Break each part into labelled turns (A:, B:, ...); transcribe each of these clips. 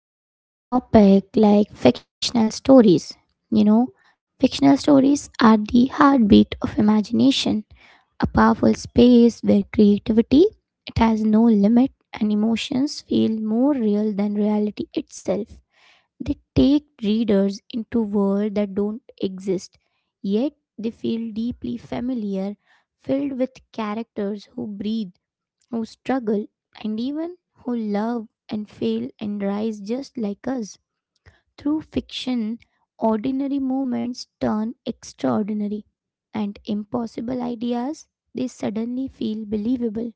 A: to start on topic like fictional stories. You know, fictional stories are the heartbeat of imagination, a powerful space where creativity it has no limit and emotions feel more real than reality itself. They take readers into world that don't exist, yet they feel deeply familiar, filled with characters who breathe, who struggle, and even who love and fail and rise just like us. Through fiction, ordinary moments turn extraordinary and impossible ideas they suddenly feel believable.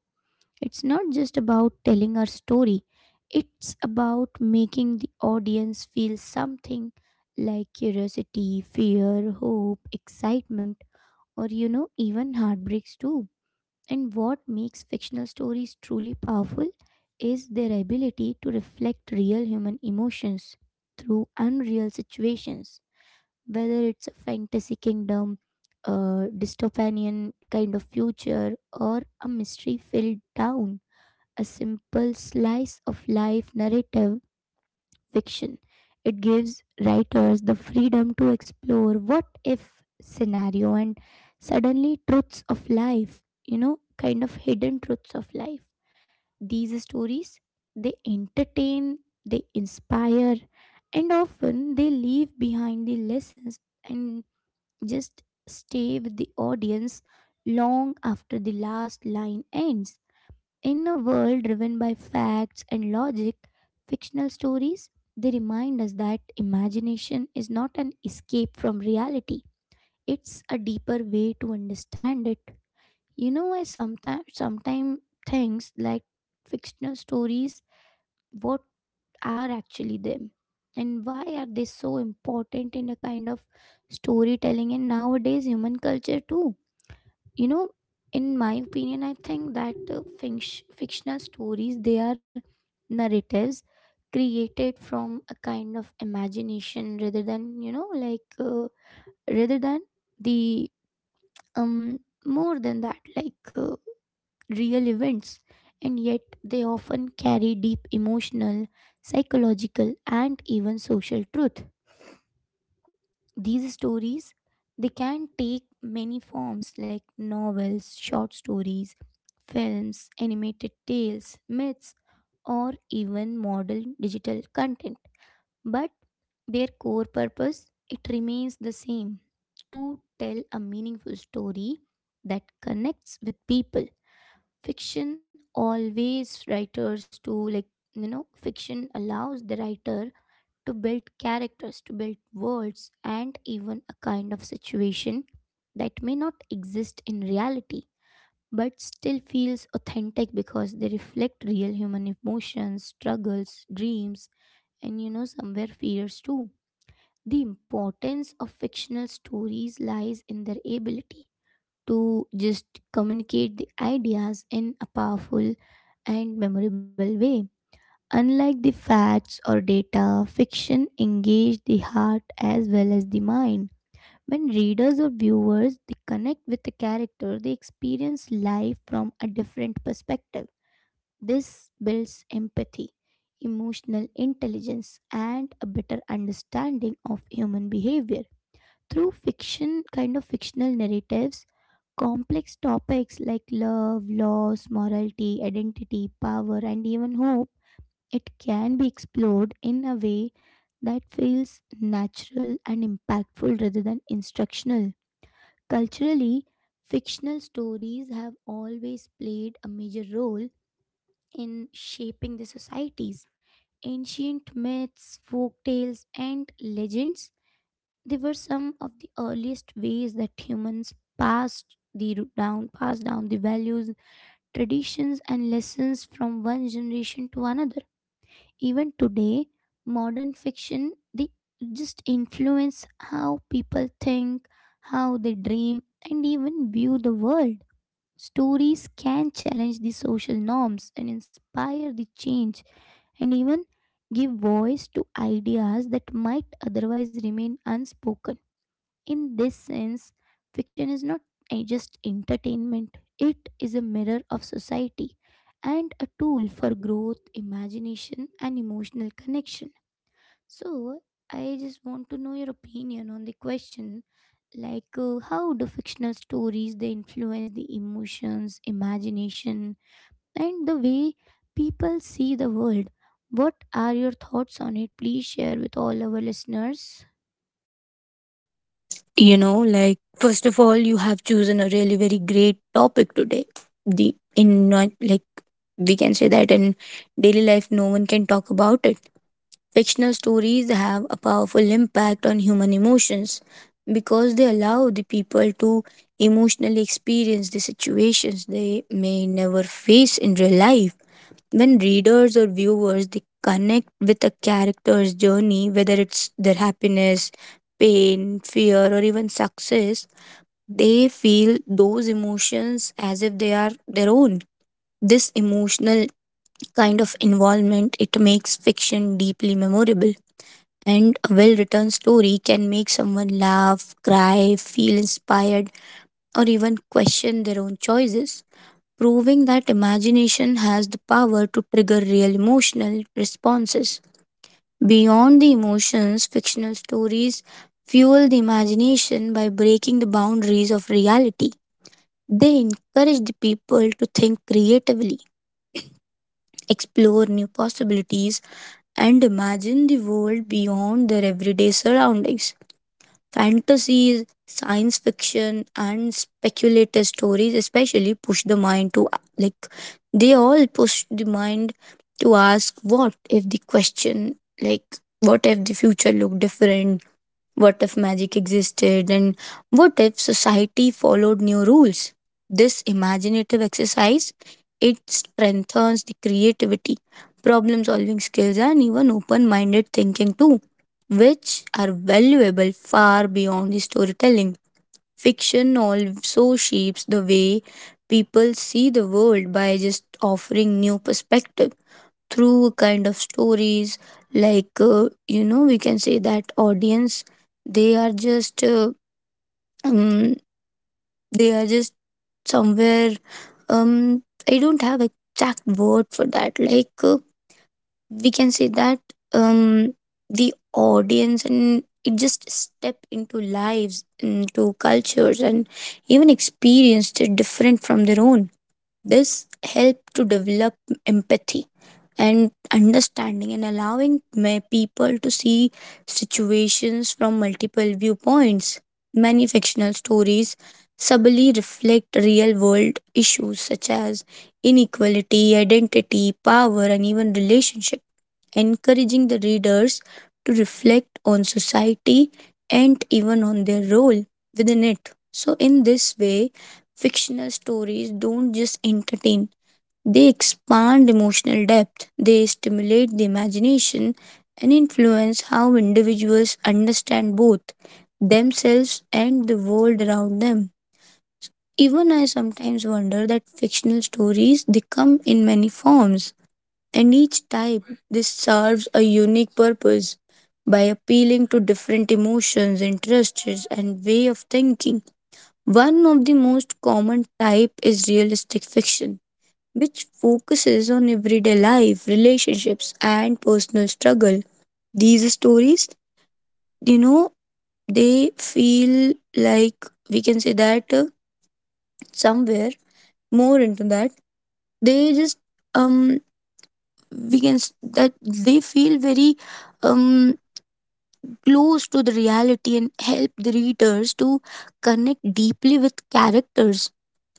A: It's not just about telling our story, it's about making the audience feel something like curiosity, fear, hope, excitement, or even heartbreaks too. And what makes fictional stories truly powerful is their ability to reflect real human emotions through unreal situations, whether it's a fantasy kingdom, a dystopian kind of future, or a mystery filled town. A simple slice of life narrative fiction. It gives writers the freedom to explore what if scenario and suddenly truths of life, kind of hidden truths of life. These stories, they entertain, they inspire, and often they leave behind the lessons and just stay with the audience long after the last line ends. In a world driven by facts and logic, fictional stories they remind us that imagination is not an escape from reality. It's a deeper way to understand it. I sometimes things like fictional stories, what are actually them? And why are they so important in a kind of storytelling and nowadays human culture too? you know in my opinion I think that fictional stories they are narratives created from a kind of imagination rather than rather than the um more than that real events, and yet they often carry deep emotional, psychological, and even social truth. These stories, they can take many forms like novels, short stories, films, animated tales, myths, or even modern digital content, but their core purpose it remains the same: to tell a meaningful story that connects with people. Fiction always writers to like Fiction allows the writer to build characters, to build worlds, and even a kind of situation that may not exist in reality but still feels authentic because they reflect real human emotions, struggles, dreams, and somewhere fears too. The importance of fictional stories lies in their ability to just communicate the ideas in a powerful and memorable way. Unlike the facts or data, fiction engages the heart as well as the mind. When readers or viewers they connect with the character, they experience life from a different perspective. This builds empathy, emotional intelligence, and a better understanding of human behavior. Through fiction, kind of fictional narratives, complex topics like love, loss, morality, identity, power, and even hope it can be explored in a way that feels natural and impactful rather than instructional. Culturally, fictional stories have always played a major role in shaping the societies. Ancient myths, folk tales, and legends, they were some of the earliest ways that humans passed down the values, traditions, and lessons from one generation to another. Even today, modern fiction they just influence how people think, how they dream, and even view the world. Stories can challenge the social norms and inspire the change and even give voice to ideas that might otherwise remain unspoken. In this sense, fiction is not just entertainment, it is a mirror of society and a tool for growth, imagination, and emotional connection. So, I just want to know your opinion on the question like how do fictional stories they influence the emotions, imagination, and the way people see the world? What are your thoughts on it? Please share with all our listeners.
B: You know, like, first of all, you have chosen a really very great topic today. The in not like we can say that in daily life, no one can talk about it. Fictional stories have a powerful impact on human emotions because they allow the people to emotionally experience the situations they may never face in real life. When readers or viewers they connect with a character's journey, whether it's their happiness, pain, fear, or even success, they feel those emotions as if they are their own. This emotional kind of involvement it makes fiction deeply memorable. And a well written story can make someone laugh, cry, feel inspired, or even question their own choices proving that imagination has the power to trigger real emotional responses. Beyond the emotions, fictional stories fuel the imagination by breaking the boundaries of reality. They encourage the people to think creatively, explore new possibilities, and imagine the world beyond their everyday surroundings. Fantasies, science fiction, and speculative stories especially push the mind to like they all push the mind to ask what if the question, like what if the future looked different, what if magic existed? And what if society followed new rules? This imaginative exercise it strengthens the creativity, problem solving skills, and even open minded thinking too, which are valuable far beyond the storytelling. Fiction also shapes the way people see the world by just offering new perspectives through kind of stories like you know we can say that audience they are just uh, um, they are just somewhere um I don't have exact word for that like we can say that um the audience and it just step into lives into cultures and even experience it different from their own. This helps to develop empathy and understanding and allowing people to see situations from multiple viewpoints. Many fictional stories subtly reflect real world issues such as inequality, identity, power, and even relationships encouraging the readers to reflect on society and even on their role within it. So, in this way, fictional stories don't just entertain, they expand emotional depth, they stimulate the imagination, and influence how individuals understand both themselves and the world around them. Even I sometimes wonder that fictional stories they come in many forms and each type this serves a unique purpose by appealing to different emotions, interests, and way of thinking. One of the most common type is realistic fiction, which focuses on everyday life, relationships, and personal struggle. These stories, you know, they feel like we can say that somewhere more into that. They just um that they feel very um close to the reality and help the readers to connect deeply with characters,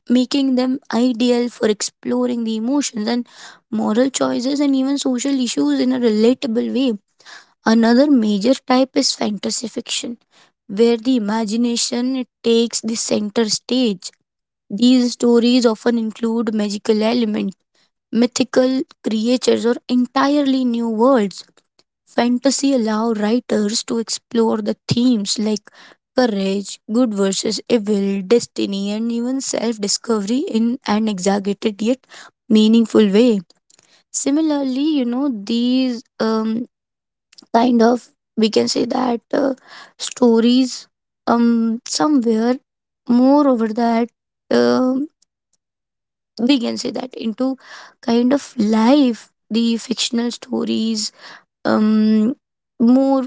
B: making them ideal for exploring the emotions and moral choices and even social issues in a relatable way. Another major type is fantasy fiction, where the imagination it takes the center stage. These stories often include magical elements, mythical creatures, or entirely new worlds. Fantasy allow writers to explore the themes like courage, good versus evil, destiny, and even self discovery in an exaggerated yet meaningful way. Similarly, you know, these kind of, we can say that stories, somewhere more over that, um we can say that into kind of life, the fictional stories um more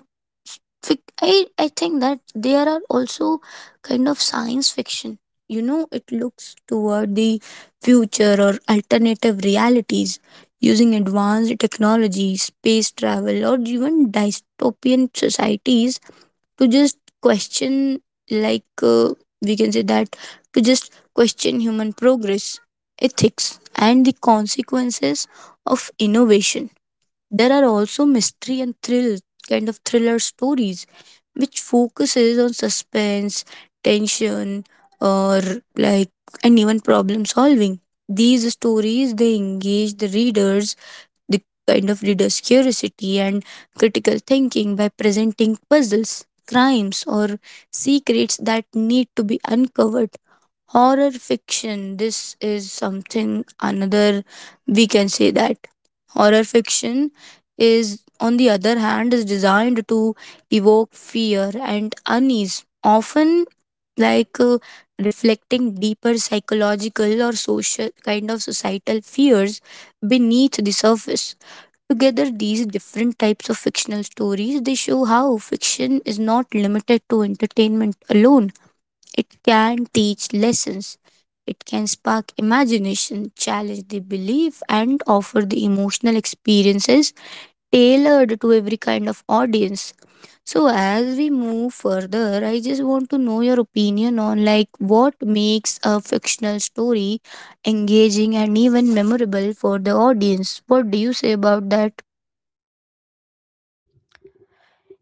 B: I think that there are also kind of science fiction. You know it looks toward the future or alternative realities using advanced technology space travel or even dystopian societies to just question like we can say that to just question human progress ethics and the consequences of innovation. There are also mystery and thrill kind of thriller stories which focuses on suspense, tension, or like and even problem solving. These stories they engage the readers, the kind of readers curiosity and critical thinking by presenting puzzles, crimes or secrets that need to be uncovered. Horror fiction this is something another we can say that horror fiction is on the other hand is designed to evoke fear and unease often like reflecting deeper psychological or social kind of societal fears beneath the surface. Together these different types of fictional stories they show how fiction is not limited to entertainment alone. It can teach lessons. It can spark imagination, challenge the belief, and offer the emotional experiences tailored to every kind of audience. So, as we move further, I just want to know your opinion on like what makes a fictional story engaging and even memorable for the audience. What do you say about that?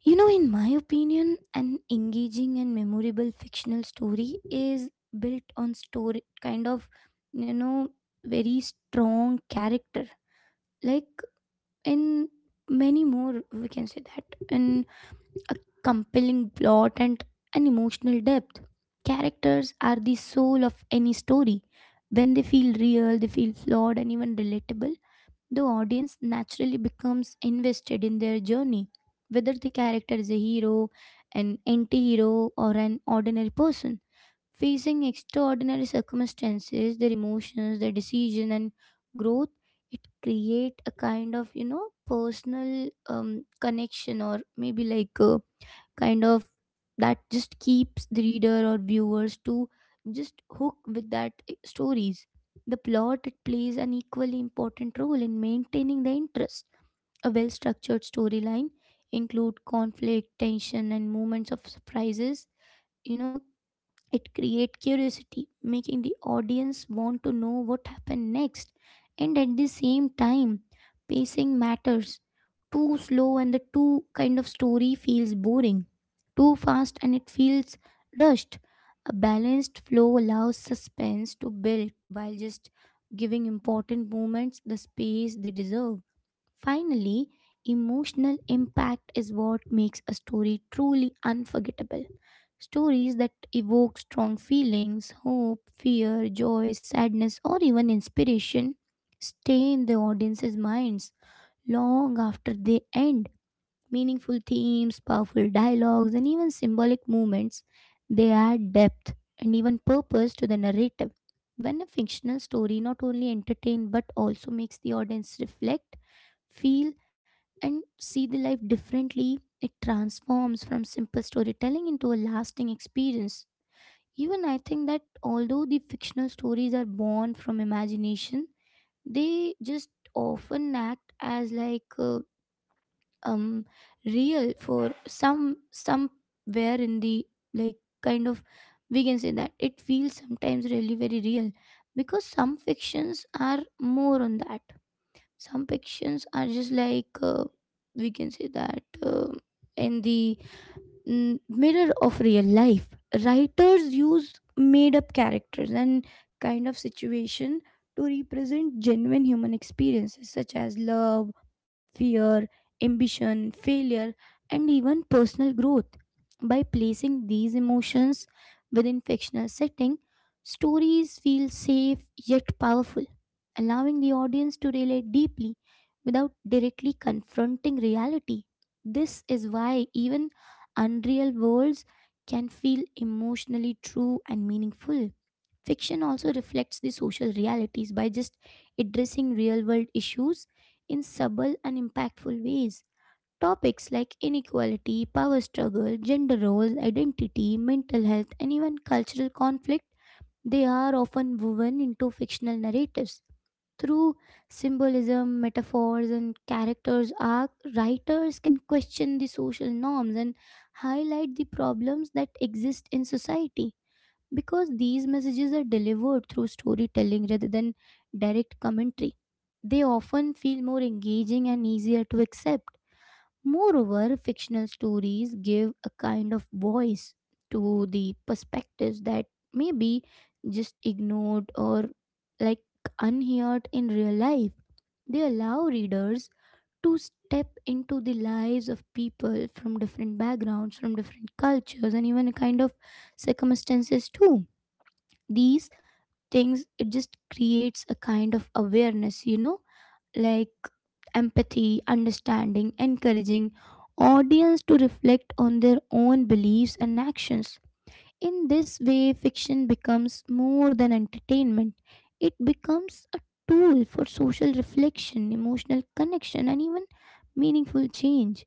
A: You know, in my opinion, an engaging and memorable fictional story is built on story kind of, you know, very strong character. Like in many more, we can say that in compelling plot and an emotional depth. Characters are the soul of any story. When they feel real, they feel flawed and even relatable, the audience naturally becomes invested in their journey, whether the character is a hero, an anti hero, or an ordinary person. Facing extraordinary circumstances, their emotions, their decision, and growth, it create a kind of personal connection, or maybe like a kind of that just keeps the reader or viewers to just hook with stories. The plot it plays an equally important role in maintaining the interest. A well structured storyline include conflict, tension, and moments of surprises. You know, it creates curiosity, making the audience want to know what happened next. And at the same time, pacing matters. Too slow and the too kind of story feels boring. Too fast and it feels rushed. A balanced flow allows suspense to build while just giving important moments the space they deserve. Finally, emotional impact is what makes a story truly unforgettable. Stories that evoke strong feelings, hope, fear, joy, sadness, or even inspiration stay in the audience's minds long after they end. Meaningful themes, powerful dialogues, and even symbolic movements, they add depth and even purpose to the narrative. When a fictional story not only entertains but also makes the audience reflect, feel, and see the life differently. It transforms from simple storytelling into a lasting experience. Even I think that although the fictional stories are born from imagination, they just often act as um real for some somewhere in the like kind of we can say that it feels sometimes really very real because some fictions are more on that, some fictions are just we can say that in the mirror of real life. Writers use made up characters and kind of situation to represent genuine human experiences such as love, fear, ambition, failure, and even personal growth. By placing these emotions within fictional setting, stories feel safe yet powerful, allowing the audience to relate deeply without directly confronting reality. This is why even unreal worlds can feel emotionally true and meaningful. Fiction also reflects the social realities by just addressing real world issues in subtle and impactful ways. Topics like inequality, power struggle, gender roles, identity, mental health, and even cultural conflict, they are often woven into fictional narratives. Through symbolism, metaphors, and characters arc, writers can question the social norms and highlight the problems that exist in society. Because these messages are delivered through storytelling rather than direct commentary, they often feel more engaging and easier to accept. Moreover, fictional stories give a kind of voice to the perspectives that may be just ignored or like unheard in real life. They allow readers to step into the lives of people from different backgrounds, from different cultures, and even a kind of circumstances too. These things, it just creates a kind of awareness, like empathy, understanding, encouraging audience to reflect on their own beliefs and actions. In this way, fiction becomes more than entertainment. It becomes a tool for social reflection, emotional connection, and even meaningful change.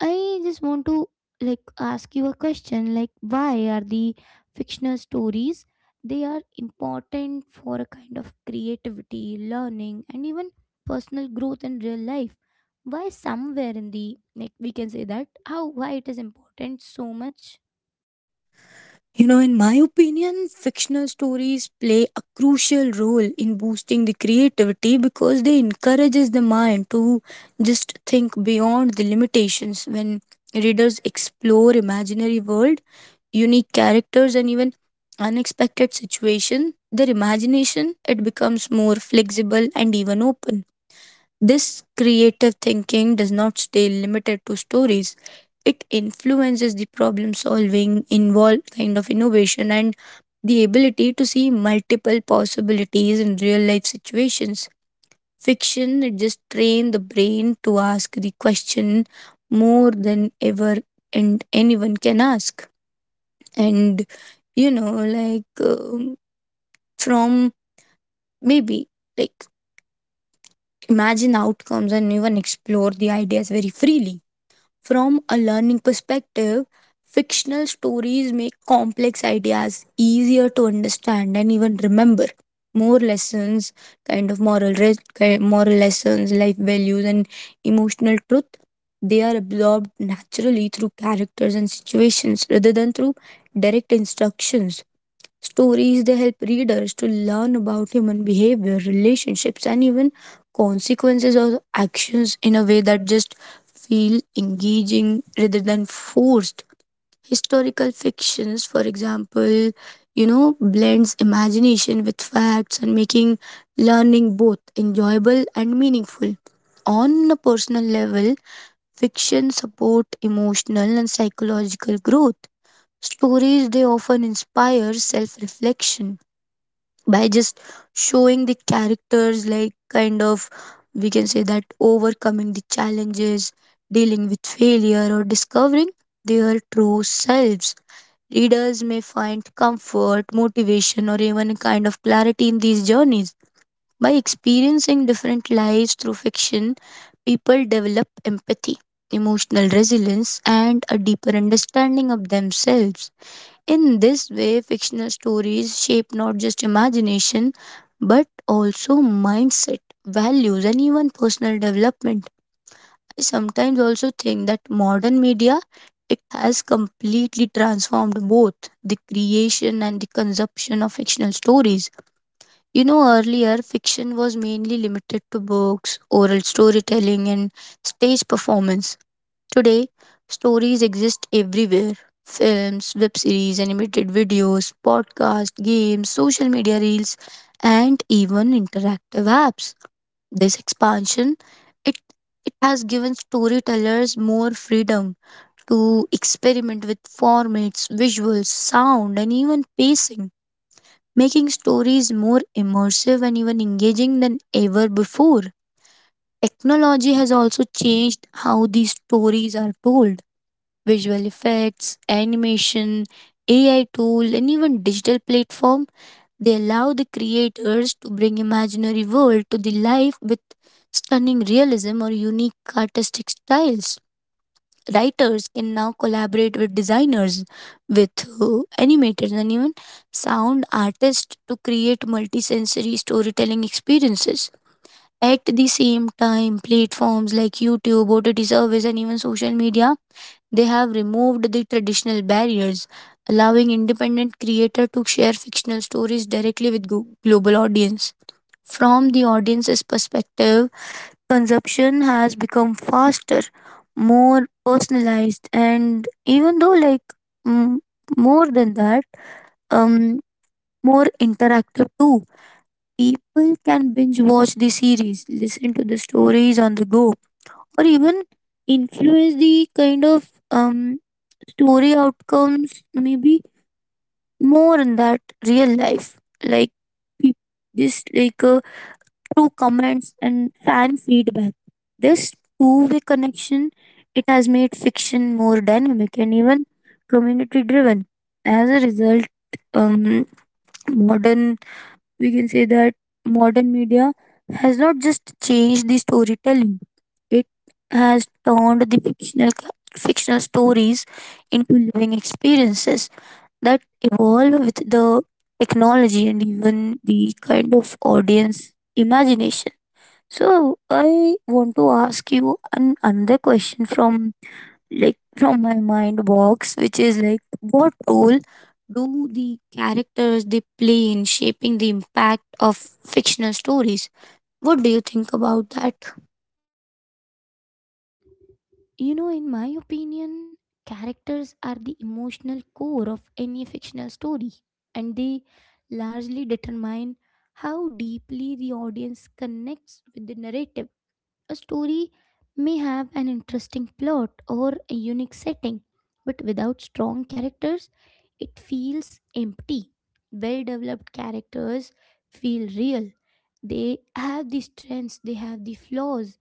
A: I just want to like ask you a question like why are the fictional stories they are important for a kind of creativity, learning, and even personal growth in real life. Why somewhere in the like we can say that how why it is important so much?
B: You know, in my opinion, fictional stories play a crucial role in boosting the creativity because they encourages the mind to just think beyond the limitations when readers explore imaginary world, unique characters and even unexpected situation, their imagination it becomes more flexible and even open. This creative thinking does not stay limited to stories. It influences the problem solving, involve kind of innovation, and the ability to see multiple possibilities in real life situations. Fiction it just train the brain to ask the question more than ever and anyone can ask. And you know, like from maybe like imagine outcomes and even explore the ideas very freely. From a learning perspective, fictional stories make complex ideas easier to understand and even remember. More lessons, kind of moral, moral lessons, life values, and emotional truth, they are absorbed naturally through characters and situations rather than through direct instructions. Stories they help readers to learn about human behavior, relationships, and even consequences of actions in a way that just feel engaging rather than forced. Historical fictions, for example, you know, blends imagination with facts and making learning both enjoyable and meaningful. On a personal level, fiction support emotional and psychological growth. Stories they often inspire self-reflection by just showing the characters like kind of we can say that overcoming the challenges, dealing with failure or discovering their true selves. Readers may find comfort motivation or even a kind of clarity in these journeys. By experiencing different lives through fiction people develop empathy, emotional resilience and a deeper understanding of themselves. In this way, fictional stories shape not just imagination but also mindset, values, and even personal development. I sometimes also think that modern media it has completely transformed both the creation and the consumption of fictional stories. You know, earlier fiction was mainly limited to books, oral storytelling, and stage performance. Today, stories exist everywhere films, web series, animated videos, podcasts, games, social media reels, and even interactive apps. This expansion it, it has given storytellers more freedom to experiment with formats, visuals, sound, and even pacing, making stories more immersive and even engaging than ever before. Technology has also changed how these stories are told visual effects, animation, AI tool, and even digital platform. They allow the creators to bring imaginary world to the life with stunning realism or unique artistic styles. Writers can now collaborate with designers, with animators, and even sound artists to create multisensory storytelling experiences. At the same time, platforms like YouTube, OTT service, and even social media they have removed the traditional barriers, allowing independent creator to share fictional stories directly with global audience. From the audience's perspective, consumption has become faster, more personalized, and even though like mm, more than that, um, more interactive too. People can binge watch the series, listen to the stories on the go, or even influence the kind of story outcomes maybe more in that real life like peop- this like through comments and fan feedback this two-way connection it has made fiction more dynamic and even community driven. As a result um modern we can say that modern media has not just changed the storytelling, it has turned the fictional stories into living experiences that evolve with the technology and even the kind of audience imagination. So I want to ask you an, another question from like from my mind box, which is like what role do the characters they play in shaping the impact of fictional stories? What do you think about that?
A: You know, in my opinion, characters are the emotional core of any fictional story and they largely determine how deeply the audience connects with the narrative. A story may have an interesting plot or a unique setting, but without strong characters, it feels empty. Well developed characters feel real. They have the strengths, they have the flaws,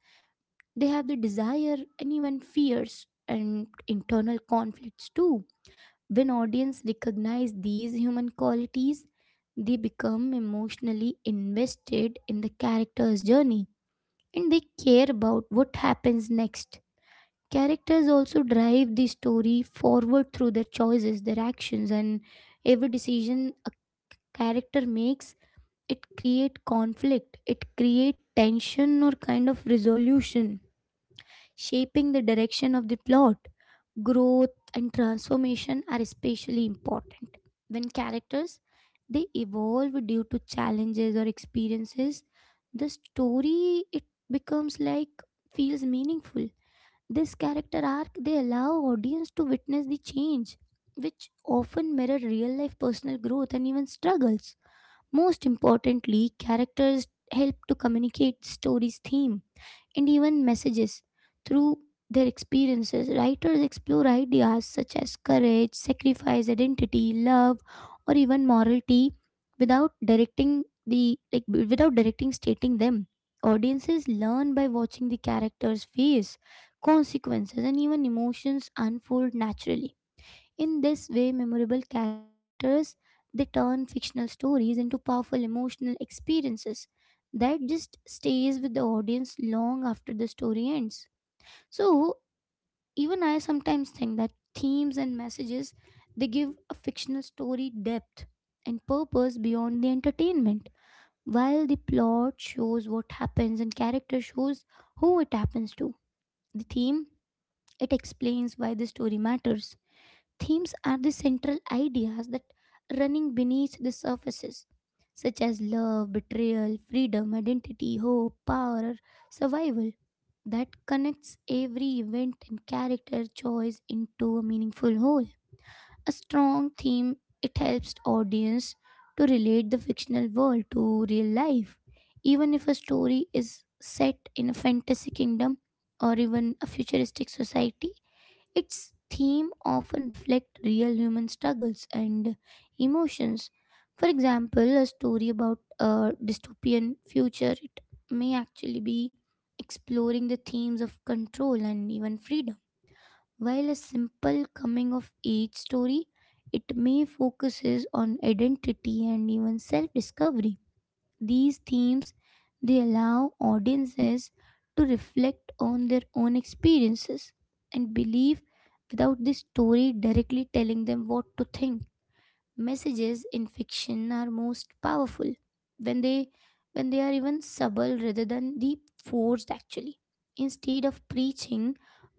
A: they have the desire and even fears and internal conflicts too. When audience recognize these human qualities, they become emotionally invested in the character's journey and they care about what happens next. Characters also drive the story forward through their choices, their actions, and every decision a character makes, it create conflict, it create tension or kind of resolution shaping the direction of the plot. Growth and transformation are especially important when characters they evolve due to challenges or experiences. The story it becomes like feels meaningful. This character arc they allow audience to witness the change, which often mirror real life personal growth and even struggles. Most importantly, characters help to communicate story's theme and even messages. Through their experiences, writers explore ideas such as courage, sacrifice, identity, love, or even morality without directing the like b- without directing stating them. Audiences learn by watching the characters face consequences and even emotions unfold naturally. In this way, memorable characters they turn fictional stories into powerful emotional experiences that just stays with the audience long after the story ends. So, even I sometimes think that themes and messages they give a fictional story depth and purpose beyond the entertainment, while the plot shows what happens and character shows who it happens to. The theme it explains why the story matters. Themes are the central ideas that running beneath the surfaces, such as love, betrayal, freedom, identity, hope, power, or survival, that connects every event and character choice into a meaningful whole. A strong theme it helps audience to relate the fictional world to real life. Even if a story is set in a fantasy kingdom or even a futuristic society, its theme often reflect real human struggles and emotions. For example, a story about a dystopian future it may actually be exploring the themes of control and even freedom, while a simple coming of age story it may focuses on identity and even self discovery. These themes they allow audiences to reflect on their own experiences and believe without the story directly telling them what to think. Messages in fiction are most powerful when they are even subtle rather than the forced actually. Instead of preaching,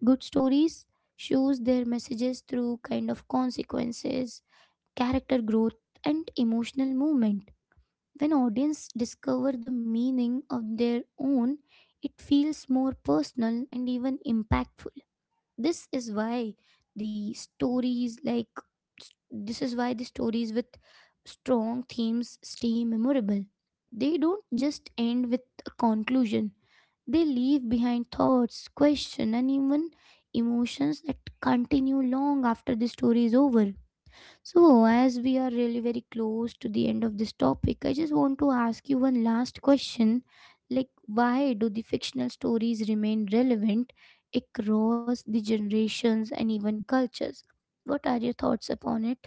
A: good stories shows their messages through kind of consequences, character growth, and emotional movement. When audience discover the meaning of their own, it feels more personal and even impactful. This is why the stories like this is why the stories with strong themes stay memorable. They don't just end with a conclusion. They leave behind thoughts, questions, and even emotions that continue long after the story is over. So, as we are really very close to the end of this topic, I just want to ask you one last question. Like, why do the fictional stories remain relevant across the generations and even cultures? What are your thoughts upon it?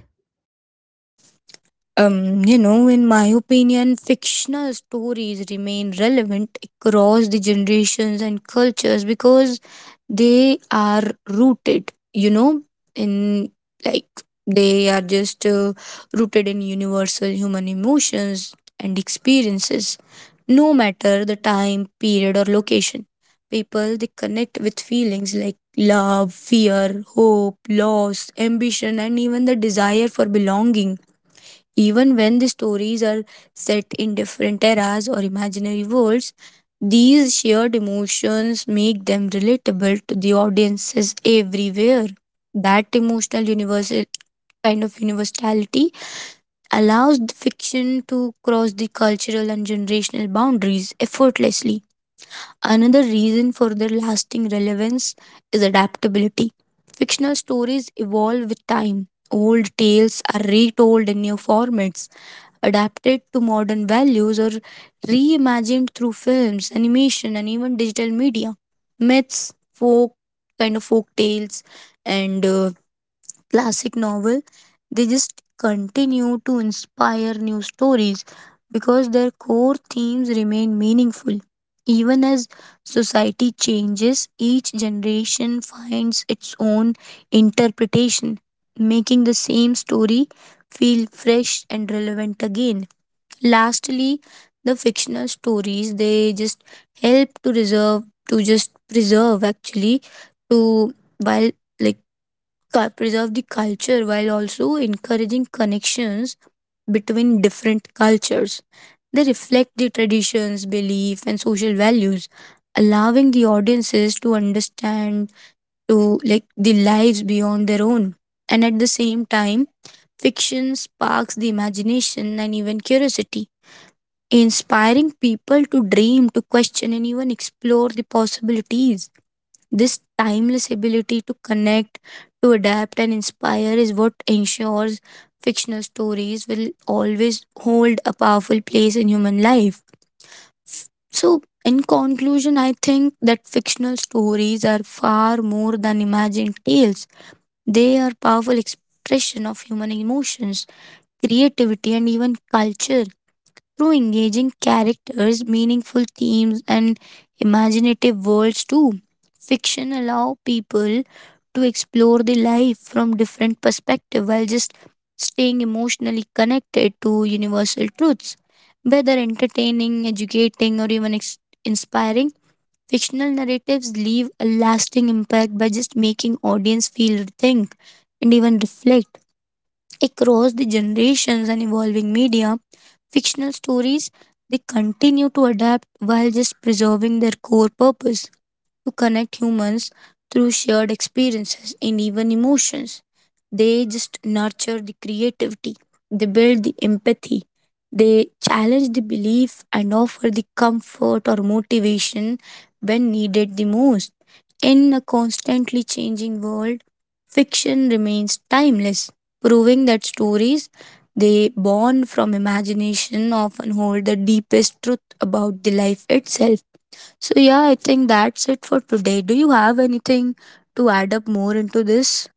B: You know, in my opinion, fictional stories remain relevant across the generations and cultures because they are rooted, you know, in like they are just rooted in universal human emotions and experiences, no matter the time, period, or location. People they connect with feelings like love, fear, hope, loss, ambition, and even the desire for belonging. Even when the stories are set in different eras or imaginary worlds, these shared emotions make them relatable to the audiences everywhere. That emotional universal kind of universality allows the fiction to cross the cultural and generational boundaries effortlessly. Another reason for their lasting relevance is adaptability. Fictional stories evolve with time. Old tales are retold in new formats, adapted to modern values, or reimagined through films, animation, and even digital media. Myths, folk, kind of folk tales, and classic novel, they just continue to inspire new stories because their core themes remain meaningful. Even as society changes, each generation finds its own interpretation, making the same story feel fresh and relevant again. Lastly, the fictional stories they just help to reserve to just preserve actually to while like preserve the culture while also encouraging connections between different cultures. They reflect the traditions, belief, and social values, allowing the audiences to understand to like the lives beyond their own. And at the same time, fiction sparks the imagination and even curiosity, inspiring people to dream, to question, and even explore the possibilities. This timeless ability to connect, to adapt, and inspire is what ensures fictional stories will always hold a powerful place in human life. So, in conclusion, I think that fictional stories are far more than imagined tales. They are powerful expression of human emotions, creativity, and even culture through engaging characters, meaningful themes, and imaginative worlds too. Fiction allow people to explore the life from different perspective while just staying emotionally connected to universal truths. Whether entertaining, educating, or even inspiring, fictional narratives leave a lasting impact by just making audience feel, think, and even reflect. Across the generations and evolving media, fictional stories they continue to adapt while just preserving their core purpose to connect humans through shared experiences and even emotions. They just nurture the creativity, they build the empathy, they challenge the belief and offer the comfort or motivation when needed the most. In a constantly changing world, fiction remains timeless, proving that stories they born from imagination often hold the deepest truth about the life itself. So, yeah, I think that's it for today. Do you have anything to add up more into this?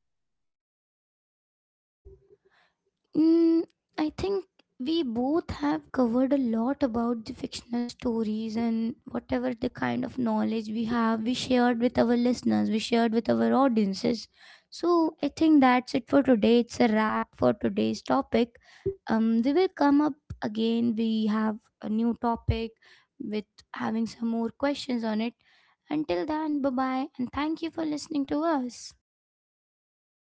A: Mm, I think we both have covered a lot about the fictional stories and whatever the kind of knowledge we have, we shared with our listeners, we shared with our audiences. So I think that's it for today. It's a wrap for today's topic. We will come up again. We have a new topic with having some more questions on it. Until then, bye bye, and thank you for listening to us.